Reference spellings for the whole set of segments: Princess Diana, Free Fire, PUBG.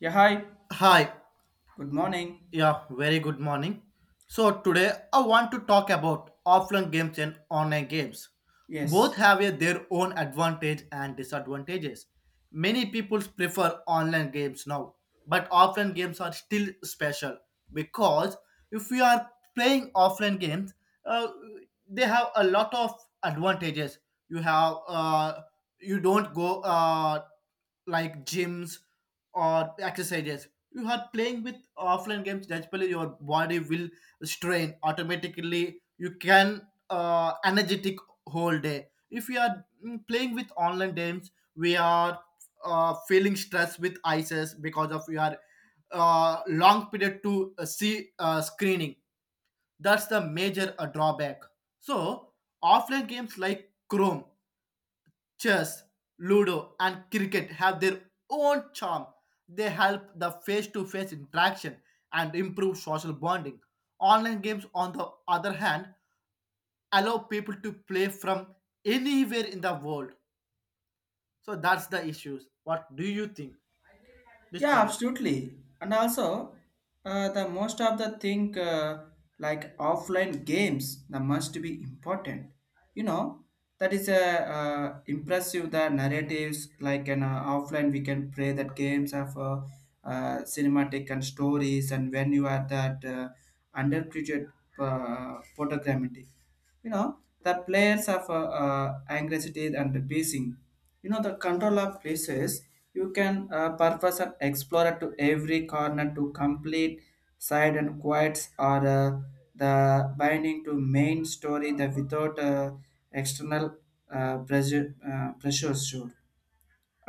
Yeah, hi. Hi, Good morning. yeah, very good morning. So today I want to talk about offline games and online games. Both Yes. have their own advantage and disadvantages. Many people prefer online games now, but offline games are still special because if we are playing offline games, uh, they have a lot of advantages. You have you don't go like gyms or exercises, you are playing with offline games, naturally your body will strain automatically, you can energetic whole day. If we are playing with online games, we are feeling stress with ices because of your long period to see screening. That's the major drawback. So offline games like chrome Chess, Ludo, and cricket have their own charm. They help the face to face interaction and improve social bonding. Online games, on the other hand, allow people to play from anywhere in the world. So that's the issues. What do you think? This Yeah, point. absolutely. And also, the most of the thing like offline games, that must be important. You know, that is a impressive the narratives like an offline we can play that games of cinematic and stories and when you are that underappreciated photogrammetry, you know, the players of anxiety and the basing, you know, the control of places. You can purpose an explorer to every corner to complete side and quiets or the binding to main story the without external pressures should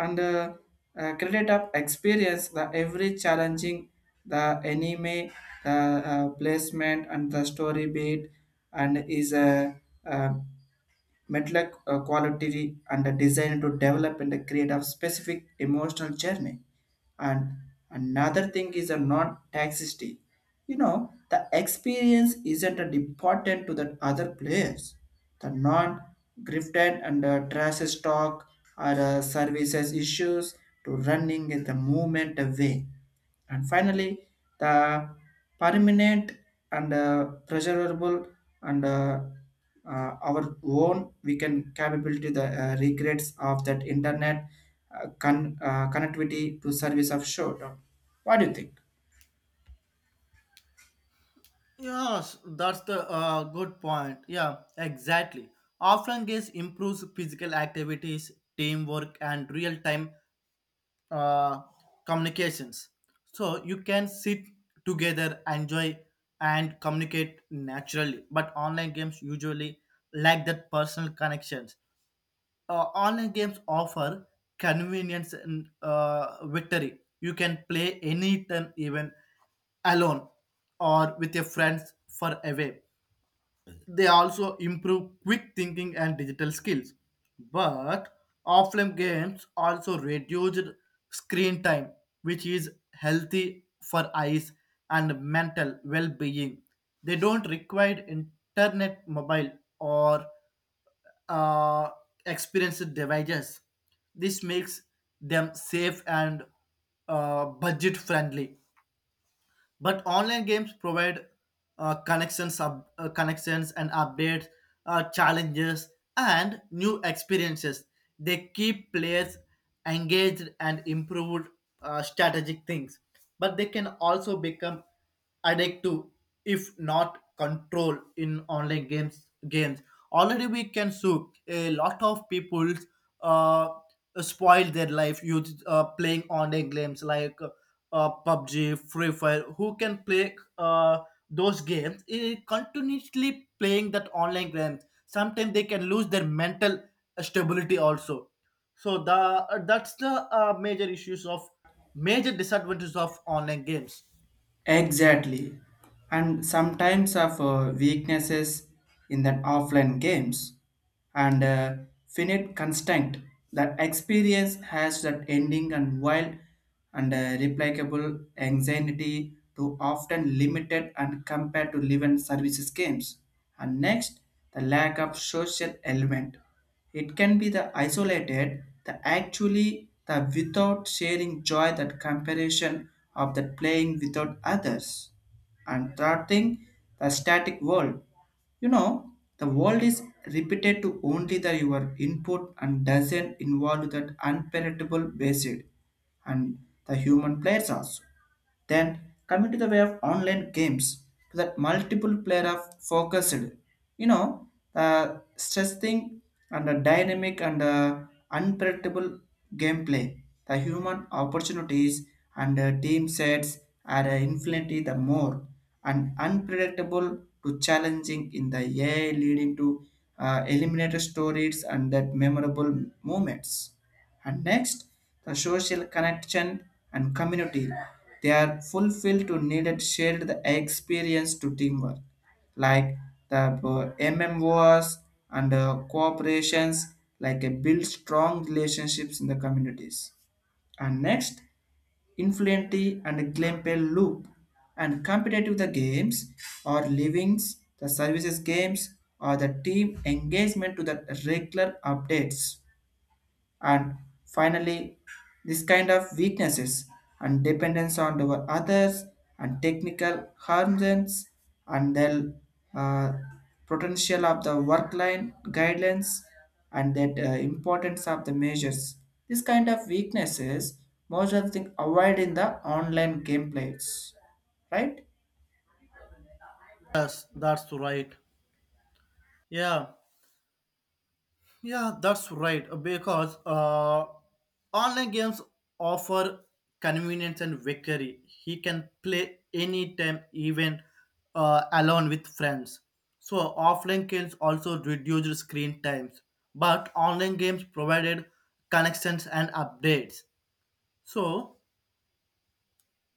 and credit up experience the every challenging the anime the placement and the story beat, and is a uh, mental quality and the design to develop and create a specific emotional journey. And another thing is a non-toxicity. You know the experience isn't a important to the other players, the non-grifted and trash talk or services issues to running in the movement away. And finally, the permanent and pleasurable and our own we can capability the regrets of that internet connectivity to service of showdown. What do you think? Yes, that's the good point. Yeah, exactly. Offline games improves physical activities, teamwork, and real-time uh, communications, so you can sit together, enjoy, and communicate naturally, but online games usually lack that personal connections. Online games offer convenience and victory, you can play anytime, even alone or with your friends for a, they also improve quick thinking and digital skills. But offline games also reduced screen time, which is healthy for eyes and mental well being. They don't require internet, mobile, or uh, experienced devices. This makes them safe and budget friendly, but online games provide connections and updates, challenges, and new experiences. They keep players engaged and improve strategic things, but they can also become addictive if not control. In online games already we can see a lot of people uh, spoil their life, you playing online games like PUBG, Free Fire, who can play those games, eh, continuously playing that online games. Sometimes they can lose their mental stability also. So the that's the major disadvantages of online games. Exactly. And sometimes of weaknesses in that offline games and finite constant that experience has that ending and wild and replicable anxiety to often limited and compared to live and services games. And next, the lack of social element. It can be the isolated, the actually the without sharing joy that comparison of that playing without others. And third thing, the static world. You know, the world is repeated to only the your input and doesn't involve that unpalatable basis and the human players also. Then coming to the way of online games, to that multiple player of focused, you know, the stress thing and the dynamic and the unpredictable gameplay, the human opportunities and the team sets are infinitely the more and unpredictable to challenging in the AI leading to eliminator stories and that memorable moments. And next, the social connection and community, they are fulfilled to needed shared the experience to teamwork, like the MMOs and cooperations like a build strong relationships in the communities. And next, influency and gameplay loop and competitive the games or livings, the services games or the team engagement to the regular updates. And finally, this kind of weaknesses and dependence on our others and technical harms and the uh, potential of the work line guidelines and that importance of the measures. This kind of weaknesses most of the thing avoid in the online gameplays, right? Yes, that's right. Yeah, yeah, that's right. Because online games offer convenience and victory. He can play anytime, even alone with friends. So offline games also reduce screen times, but online games provided connections and updates. So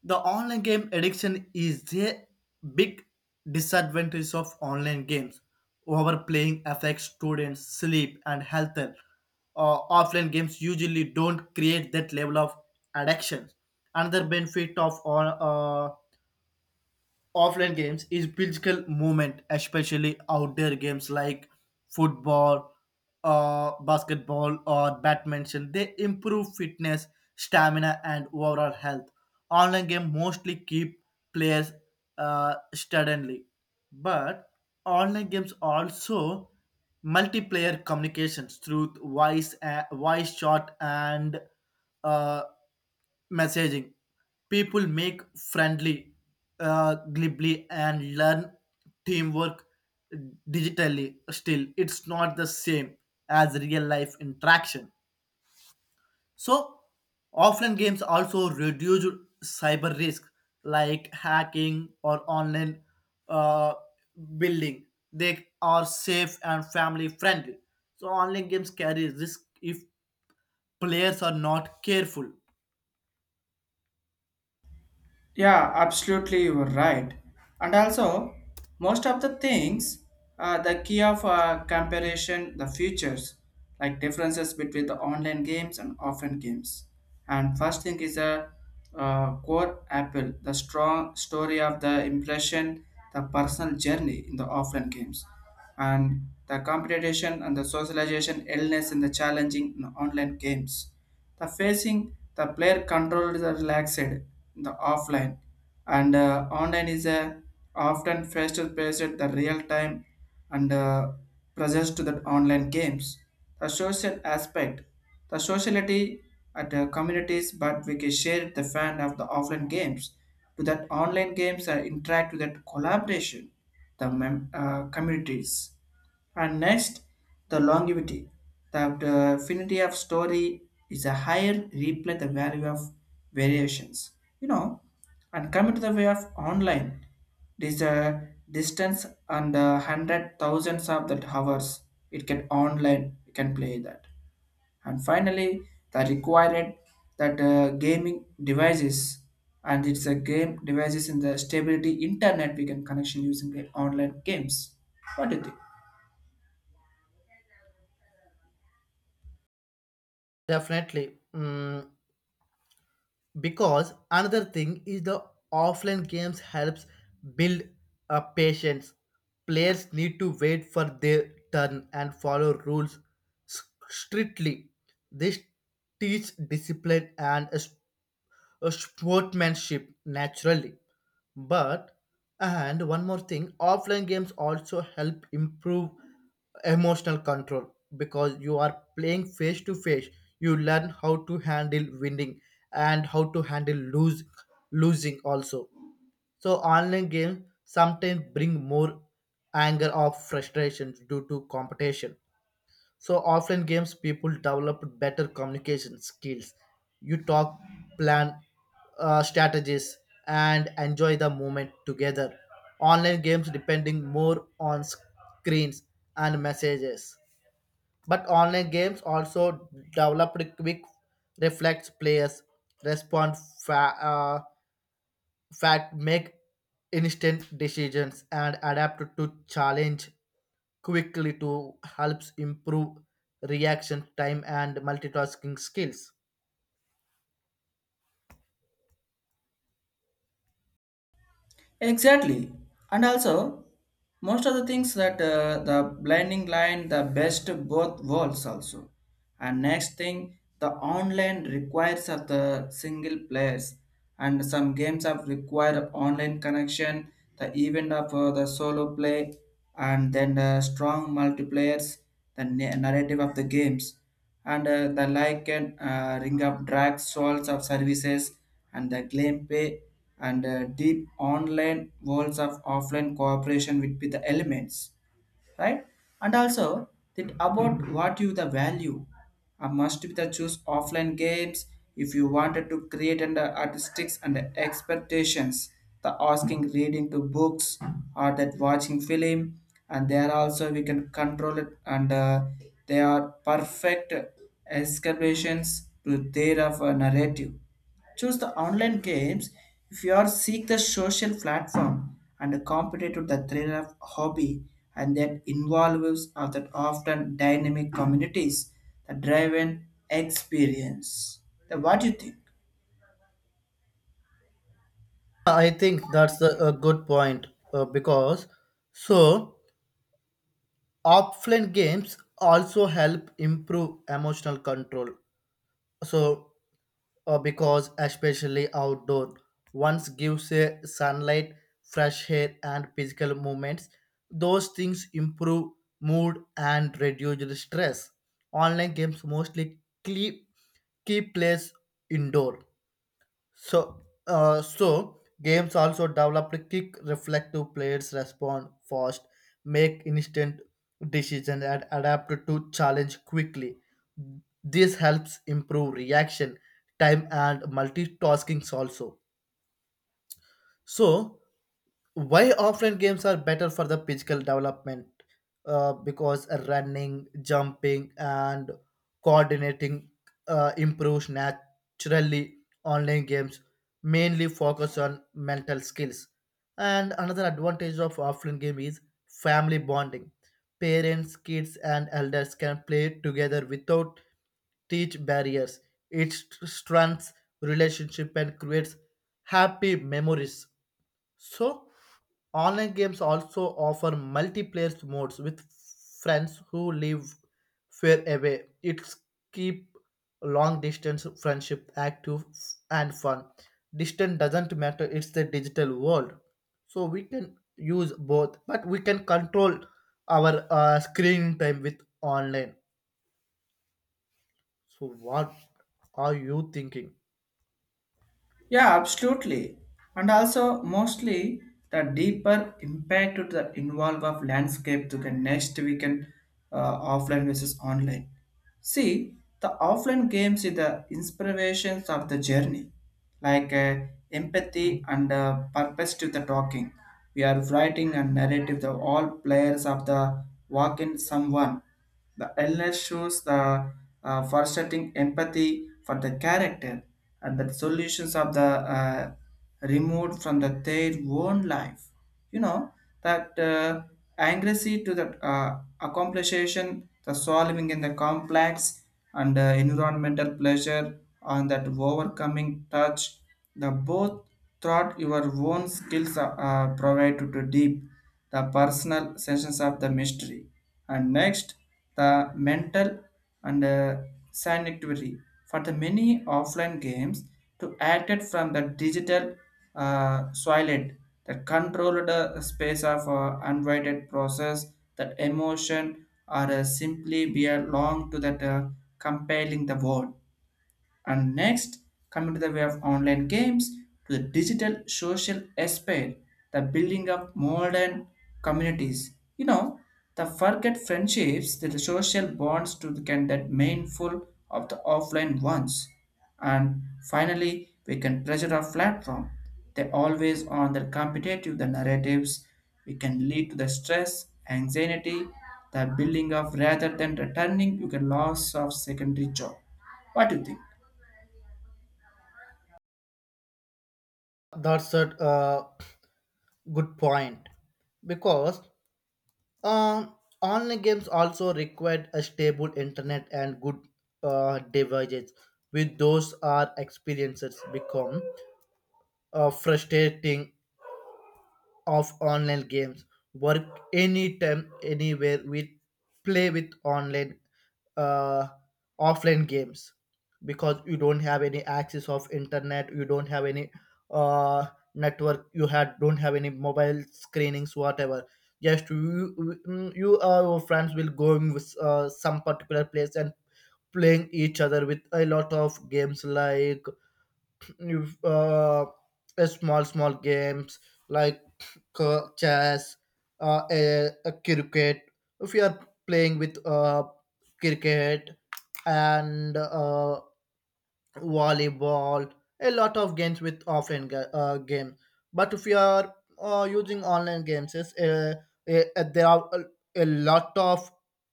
the online game addiction is a big disadvantage of online games. Overplaying affects students' sleep and health. Offline games usually don't create that level of addiction. Another benefit of offline games is physical movement, especially outdoor games like football, basketball, or badminton. They improve fitness, stamina, and overall health. Online game mostly keep players steadily, but online games also multiplayer communications through voice, voice chat, and uh, messaging. People make friendly, glibly, and learn teamwork digitally. Still, it's not the same as real life interaction. So offline games also reduce cyber risk like hacking or online uh, building. They are safe and family friendly. So online games carry risk if players are not careful. Yeah, absolutely, you are right. And also, most of the things, the key of comparison, the features, like differences between the online games and offline games. And first thing is a core apple, the strong story of the impression, the personal journey in the offline games, and the competition and the socialization illness in the challenging in online games, the facing the player controlled the relaxed the offline, and online is a often faster paced at the real time and presence to the online games. The social aspect, the sociality at the communities, but we can share the fan of the offline games to that online games and interact with that collaboration, the communities. And next, the longevity. That the affinity of story is a higher replay the value of variations. You know, and coming to the way of online, this distance and hundred thousands of that hours it can online you can play that. And finally, the required that gaming devices and it's a game devices in the stability internet we can connection using the online games. What do you think? Definitely. Mm, because another thing is the offline games helps build a patience, players need to wait for their turn and follow rules s- strictly. This teach discipline and sportsmanship naturally. But and one more thing, offline games also help improve emotional control because you are playing face to face. You learn how to handle winning and how to handle lose losing also. So online games sometimes bring more anger or frustration due to competition, so offline games people develop better communication skills. You talk, plan strategies, and enjoy the moment together. Online games depending more on screens and messages. But online games also developed quick reflex, players respond fa- uh, fact, make instant decisions and adapt to challenge quickly to helps improve reaction time and multitasking skills. Exactly. And also, most of the things that the blending line, the best both worlds also. And next thing, the online requires of the single players and some games have require online connection, the event of the solo play and then the strong multiplayers, the narrative of the games and the like can ring up drag stalls of services and the claim pay and deep online worlds of offline cooperation with the elements, right? And also that about what you the value must be the choose offline games if you wanted to create under artistics and expectations, the asking reading to books or that watching film, and there also we can control it, and they are perfect escalations to their of a narrative. Choose the online games if you are seek the social platform and competitive to the thrill of hobby and that involves of that often dynamic communities, the driven experience. Then what do you think? I think that's a good point, because so offline games also help improve emotional control. So because especially outdoor once gives a sunlight, fresh air and physical movements, those things improve mood and reduce the stress. Online games mostly keep keep players indoor. So so games also develop quick reflective players, respond fast, make instant decisions, and adapt to challenge quickly. This helps improve reaction time and multitasking also. So why offline games are better for the physical development? Because running, jumping, and coordinating improves naturally. Online games mainly focus on mental skills. And another advantage of offline game is family bonding. Parents, kids, and elders can play together without teach barriers. It strengthens relationship and creates happy memories. So online games also offer multiplayer modes with friends who live far away. It's keep long distance friendship active and fun. Distance doesn't matter, it's the digital world. So we can use both, but we can control our screen time with online. So what are you thinking? Yeah, absolutely. And also, mostly the deeper impact to the involve of landscape to the next we can offline versus online. See, the offline games is the inspirations of the journey, like empathy and purpose to the talking. We are writing a narrative. The all players of the walk in someone. The illness shows the frustrating empathy for the character and the solutions of the uh, removed from the their own life. You know that accuracy to the accomplishation, the solving in the complex and environmental pleasure on that overcoming touch. The both thought your own skills are, provide to deep the personal sense of the mystery. And next, the mental and sanitary for the many offline games to acted from the digital soilet that controlled space of unwanted process that emotion or simply belong to that compelling the world. And next, coming to the way of online games to the digital social aspect, the building of modern communities. You know, the forget friendships, the social bonds to the can that mindful of the offline ones. And finally, we can pressure our platform. They always on the competitive the narratives. We can lead to the stress, anxiety, the building of rather than returning, you can loss of secondary job. What do you think? That's a good point because Um, online games also required a stable internet and good devices. With those, our experiences become frustrating of online games, work anytime anywhere we play with online uh, offline games, because you don't have any access of internet, you don't have any uh, network, you had don't have any mobile screenings whatever, just you you or your friends will going with some particular place and playing each other with a lot of games like you a small small games like chess, a cricket. If you are playing with cricket and volleyball, a lot of games with offline game. But if you are using online games, yes, there are a lot of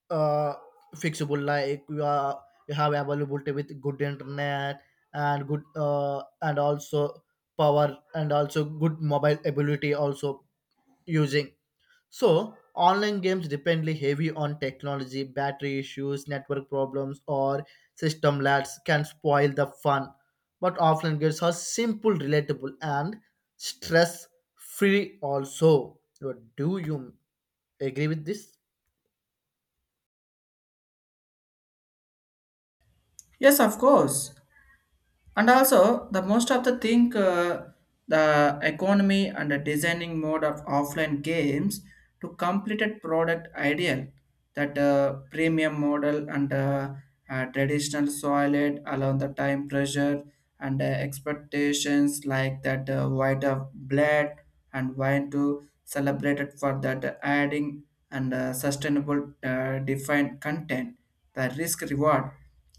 uh, fixable. Like you are you have availability with good internet and good and also power and also good mobile ability also using. So online games depend heavy on technology, battery issues, network problems, or system lags can spoil the fun. But offline games are simple, relatable, and stress free also. What, do you agree with this? Yes, of course. And also, the most of the thing, the economy and the designing mode of offline games to completed product ideal that premium model and traditional solid along the time pressure and expectations like that white of blood and wine to celebrated for that adding and sustainable defined content, the risk reward,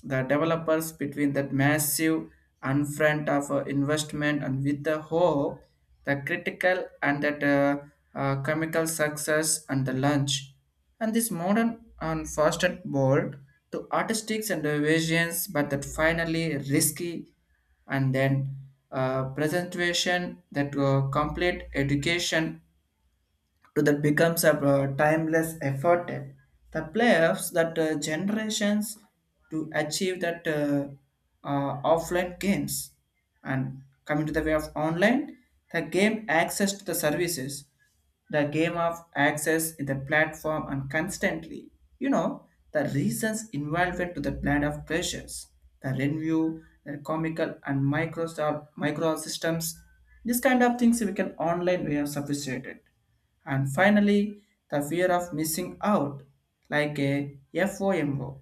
the developers between that massive and front of investment and with the hope, the critical and that comical success and the lunch. And this modern and fastened bold to artistics and visions, but that finally risky. And then presentation that complete education to that becomes a timeless effort. The playoffs that generations to achieve that offline games. And coming to the way of online, the game access to the services, the game of access in the platform and constantly, you know, the reasons involved to the plan of pressures, the review, the comical and micro microsystems, this kind of things we can online we have sophisticated. And finally, the fear of missing out, like a FOMO,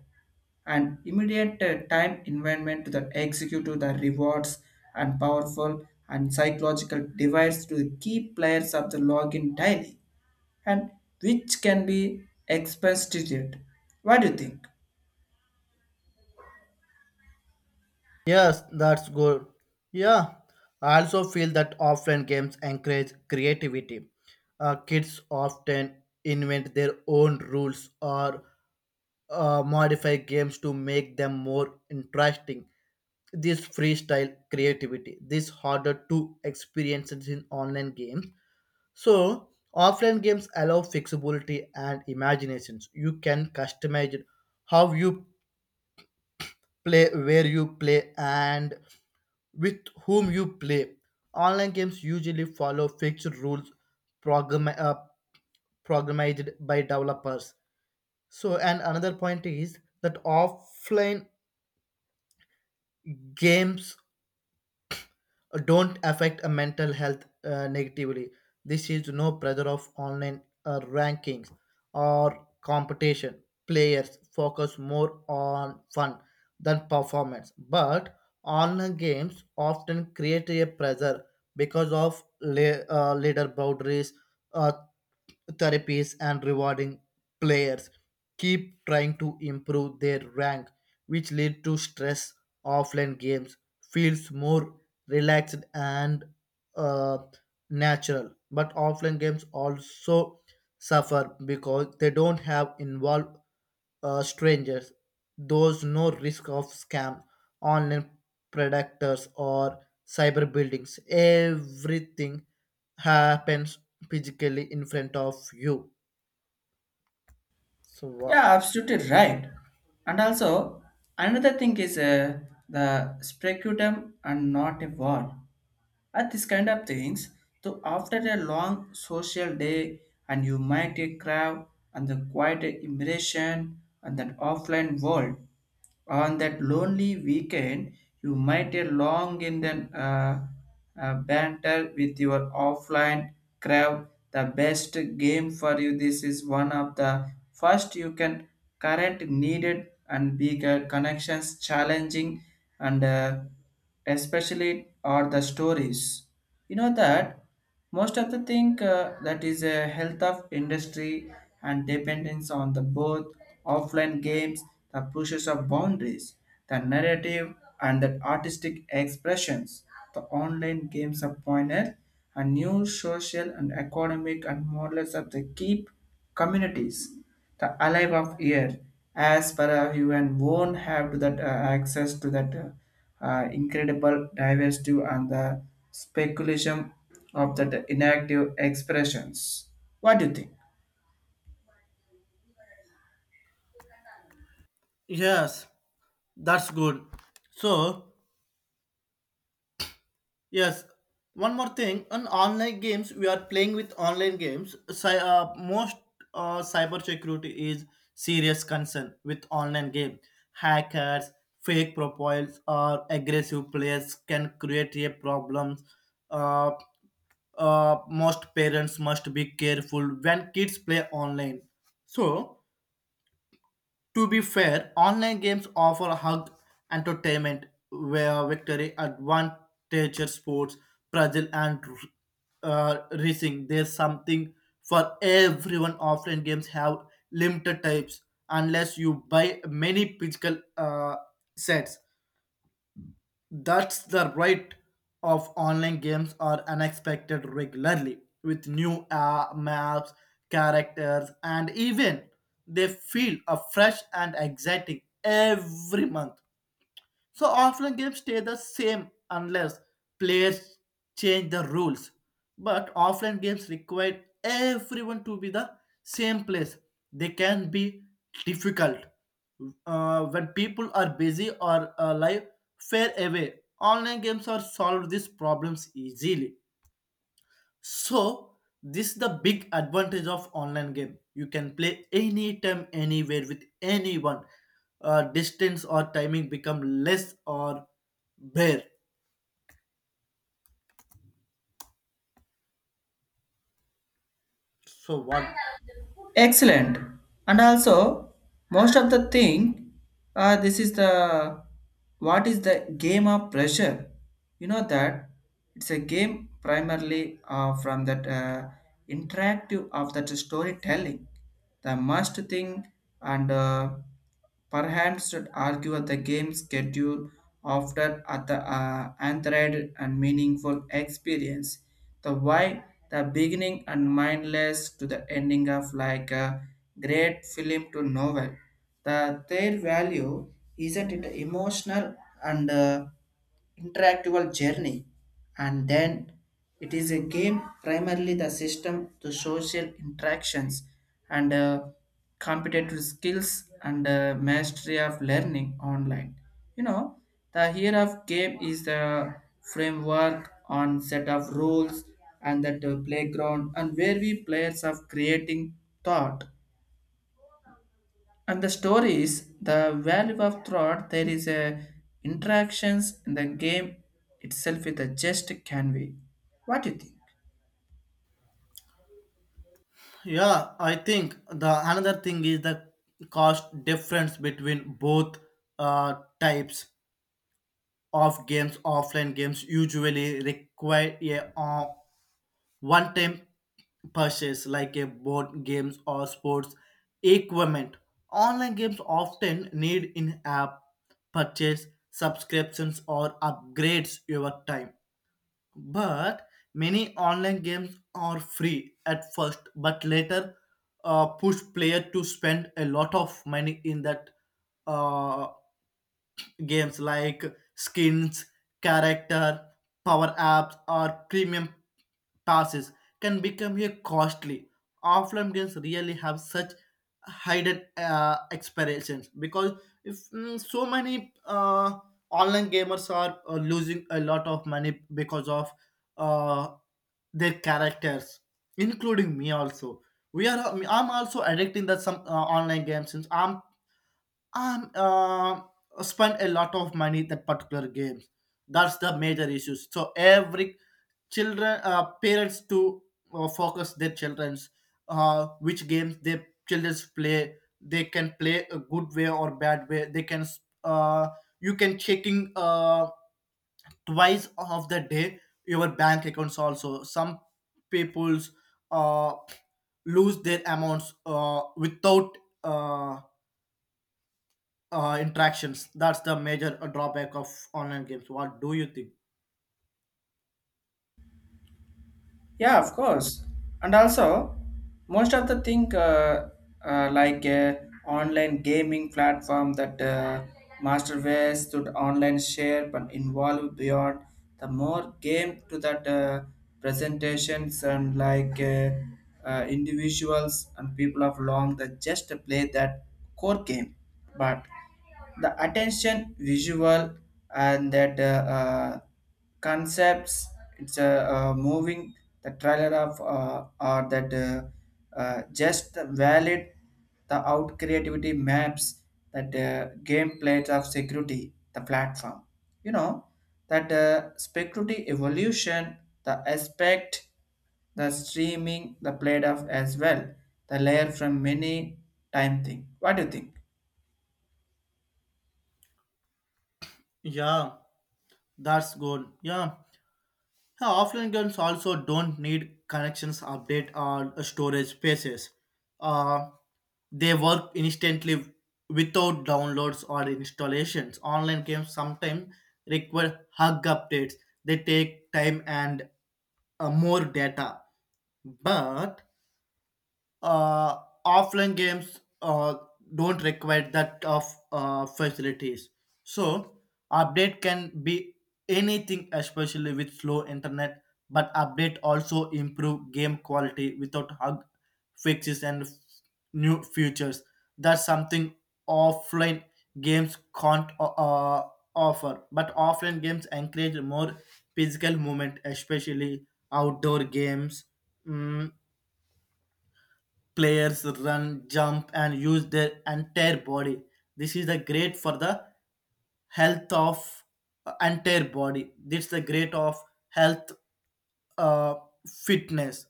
an immediate time environment to the executive, the rewards and powerful and psychological device to the key players of the login daily, and which can be expressed. What do you think? Yes, that's good. Yeah, I also feel that offline games encourage creativity. Kids often invent their own rules or modify games to make them more interesting. This freestyle creativity, this harder to experience it in online games. So offline games allow flexibility and imaginations. You can customize it, how you play, where you play, and with whom you play. Online games usually follow fixed rules, program, uh, programmed by developers. So and another point is that offline games don't affect a mental health negatively. This is no pressure of online rankings or competition. Players focus more on fun than performance, but online games often create a pressure because of leader boundaries. Uh, Therapies and rewarding players keep trying to improve their rank which lead to stress. Offline games feels more relaxed and uh, natural, but offline games also suffer because they don't have involved strangers. Those no risk of scam, online predators, or cyber buildings. Everything happens physically in front of you. So what? Yeah, absolutely right. And also, another thing is the speculum and not a war at this kind of things. So after a long social day and you might crave and the quiet immersion and that offline world on that lonely weekend, you might a long in the banter with your offline crowd. The best game for you. This is one of the first you can current needed and bigger connections challenging and especially are the stories. You know that most of the thing that is a health of industry and dependence on the both offline games, the pushes of boundaries, the narrative and the artistic expressions, the online games of pointer, a new social and economic and models of the keep communities, the alive of year, as per you and won't have that access to that. Incredible diversity and the speculation of the inactive expressions. What do you think? Yes, that's good. So, yes. One more thing, on online games, we are playing with online games. Most cyber security is serious concern with online game. Hackers, fake profiles, or aggressive players can create a problems. Uh, Most parents must be careful when kids play online. So to be fair, online games offer hug entertainment where victory advantages sports, puzzle, and racing. There's something for everyone. Offline games have limited types unless you buy many physical sets. That's the right of online games are unexpected regularly with new maps, characters, and even they feel fresh and exciting every month. So offline games stay the same unless players change the rules. But offline games require everyone to be the same place. They can be difficult when people are busy or life far away. Online games are solve these problems easily. So this is the big advantage of online game. You can play anytime, anywhere with anyone. Distance or timing become less or bare. So what? Excellent. And also, most of the thing, this is the what is the game of pressure? You know that it's a game primarily from that interactive of that storytelling, the must thing, and perhaps should argue the game schedule after at the anthroid and meaningful experience. The why the beginning and mindless to the ending of like a great film to novel. The their value isn't it emotional and interactable journey. And then it is a game primarily the system the social interactions and competitive skills and mastery of learning online. You know the here of game is the framework on set of rules and that playground, and where we players of creating thought and the stories, the value of thought there is a interactions in the game itself with a just can be. What do you think? Yeah, I think the another thing is the cost difference between both types of games. Offline games usually require a one time purchase like a board games or sports equipment. Online games often need in app purchase, subscriptions, or upgrades over time. But many online games are free at first, but later push player to spend a lot of money in that uh, games like skins, character, power apps, or premium passes can become a costly. Offline games really have such hidden expirations because if so many online gamers are losing a lot of money because of uh, their characters, including me also. We are. I'm also addicting that some online games since I'm um uh, spend a lot of money that particular games. That's the major issues, so every children parents to focus their children's which games their children's play, they can play a good way or bad way, they can uh, you can checking twice of the day your bank accounts also, some people's uh, lose their amounts without interactions. That's the major drawback of online games. What do you think? Yeah, of course. And also, most of the thing like online gaming platform that Masterverse should online share but involve beyond the more game to that presentations and like individuals and people of long that just play that core game, but the attention visual and that concepts, it's a moving the trailer of or that just valid the out creativity maps that game plays of security the platform. You know that security evolution the aspect the streaming the played of as well the layer from many time thing. What do you think? Yeah, that's good. Yeah. Yeah, offline games also don't need connections, update, or storage spaces. Uh, they work instantly without downloads or installations. Online games sometimes require hug updates. They take time and more data. But uh, offline games don't require that of facilities. So update can be anything, especially with slow internet. But update also improve game quality without hug fixes and new features. That's something offline games can't offer. But offline games encourage more physical movement, especially outdoor games. Mm, players run, jump, and use their entire body. This is the great for the health of entire body. This is the great of health uh, fitness.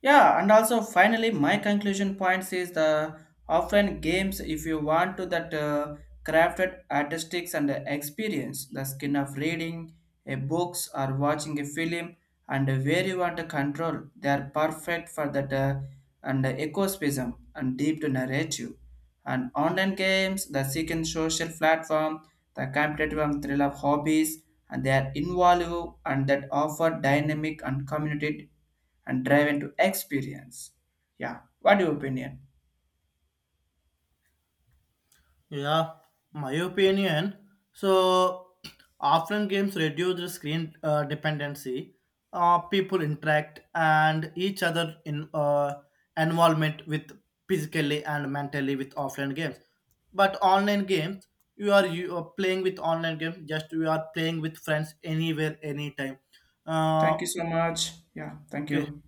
Yeah, and also finally, my conclusion points is the offline games. If you want to that crafted artistics and experience, the skin of reading a books or watching a film, and where you want to control, they are perfect for that and ecosystem and deep to narrative. And online games, the second social platform, the competitive and thrill of hobbies, and they are involved and that offer dynamic and community and driven to experience. Yeah, what your opinion? Yeah, my opinion. So offline games reduce the screen dependency. People interact and each other in involvement with physically and mentally with offline games. But online games, you are playing with online game. Just you are playing with friends anywhere, anytime. Uh, Thank you so much. Yeah, thank okay. you.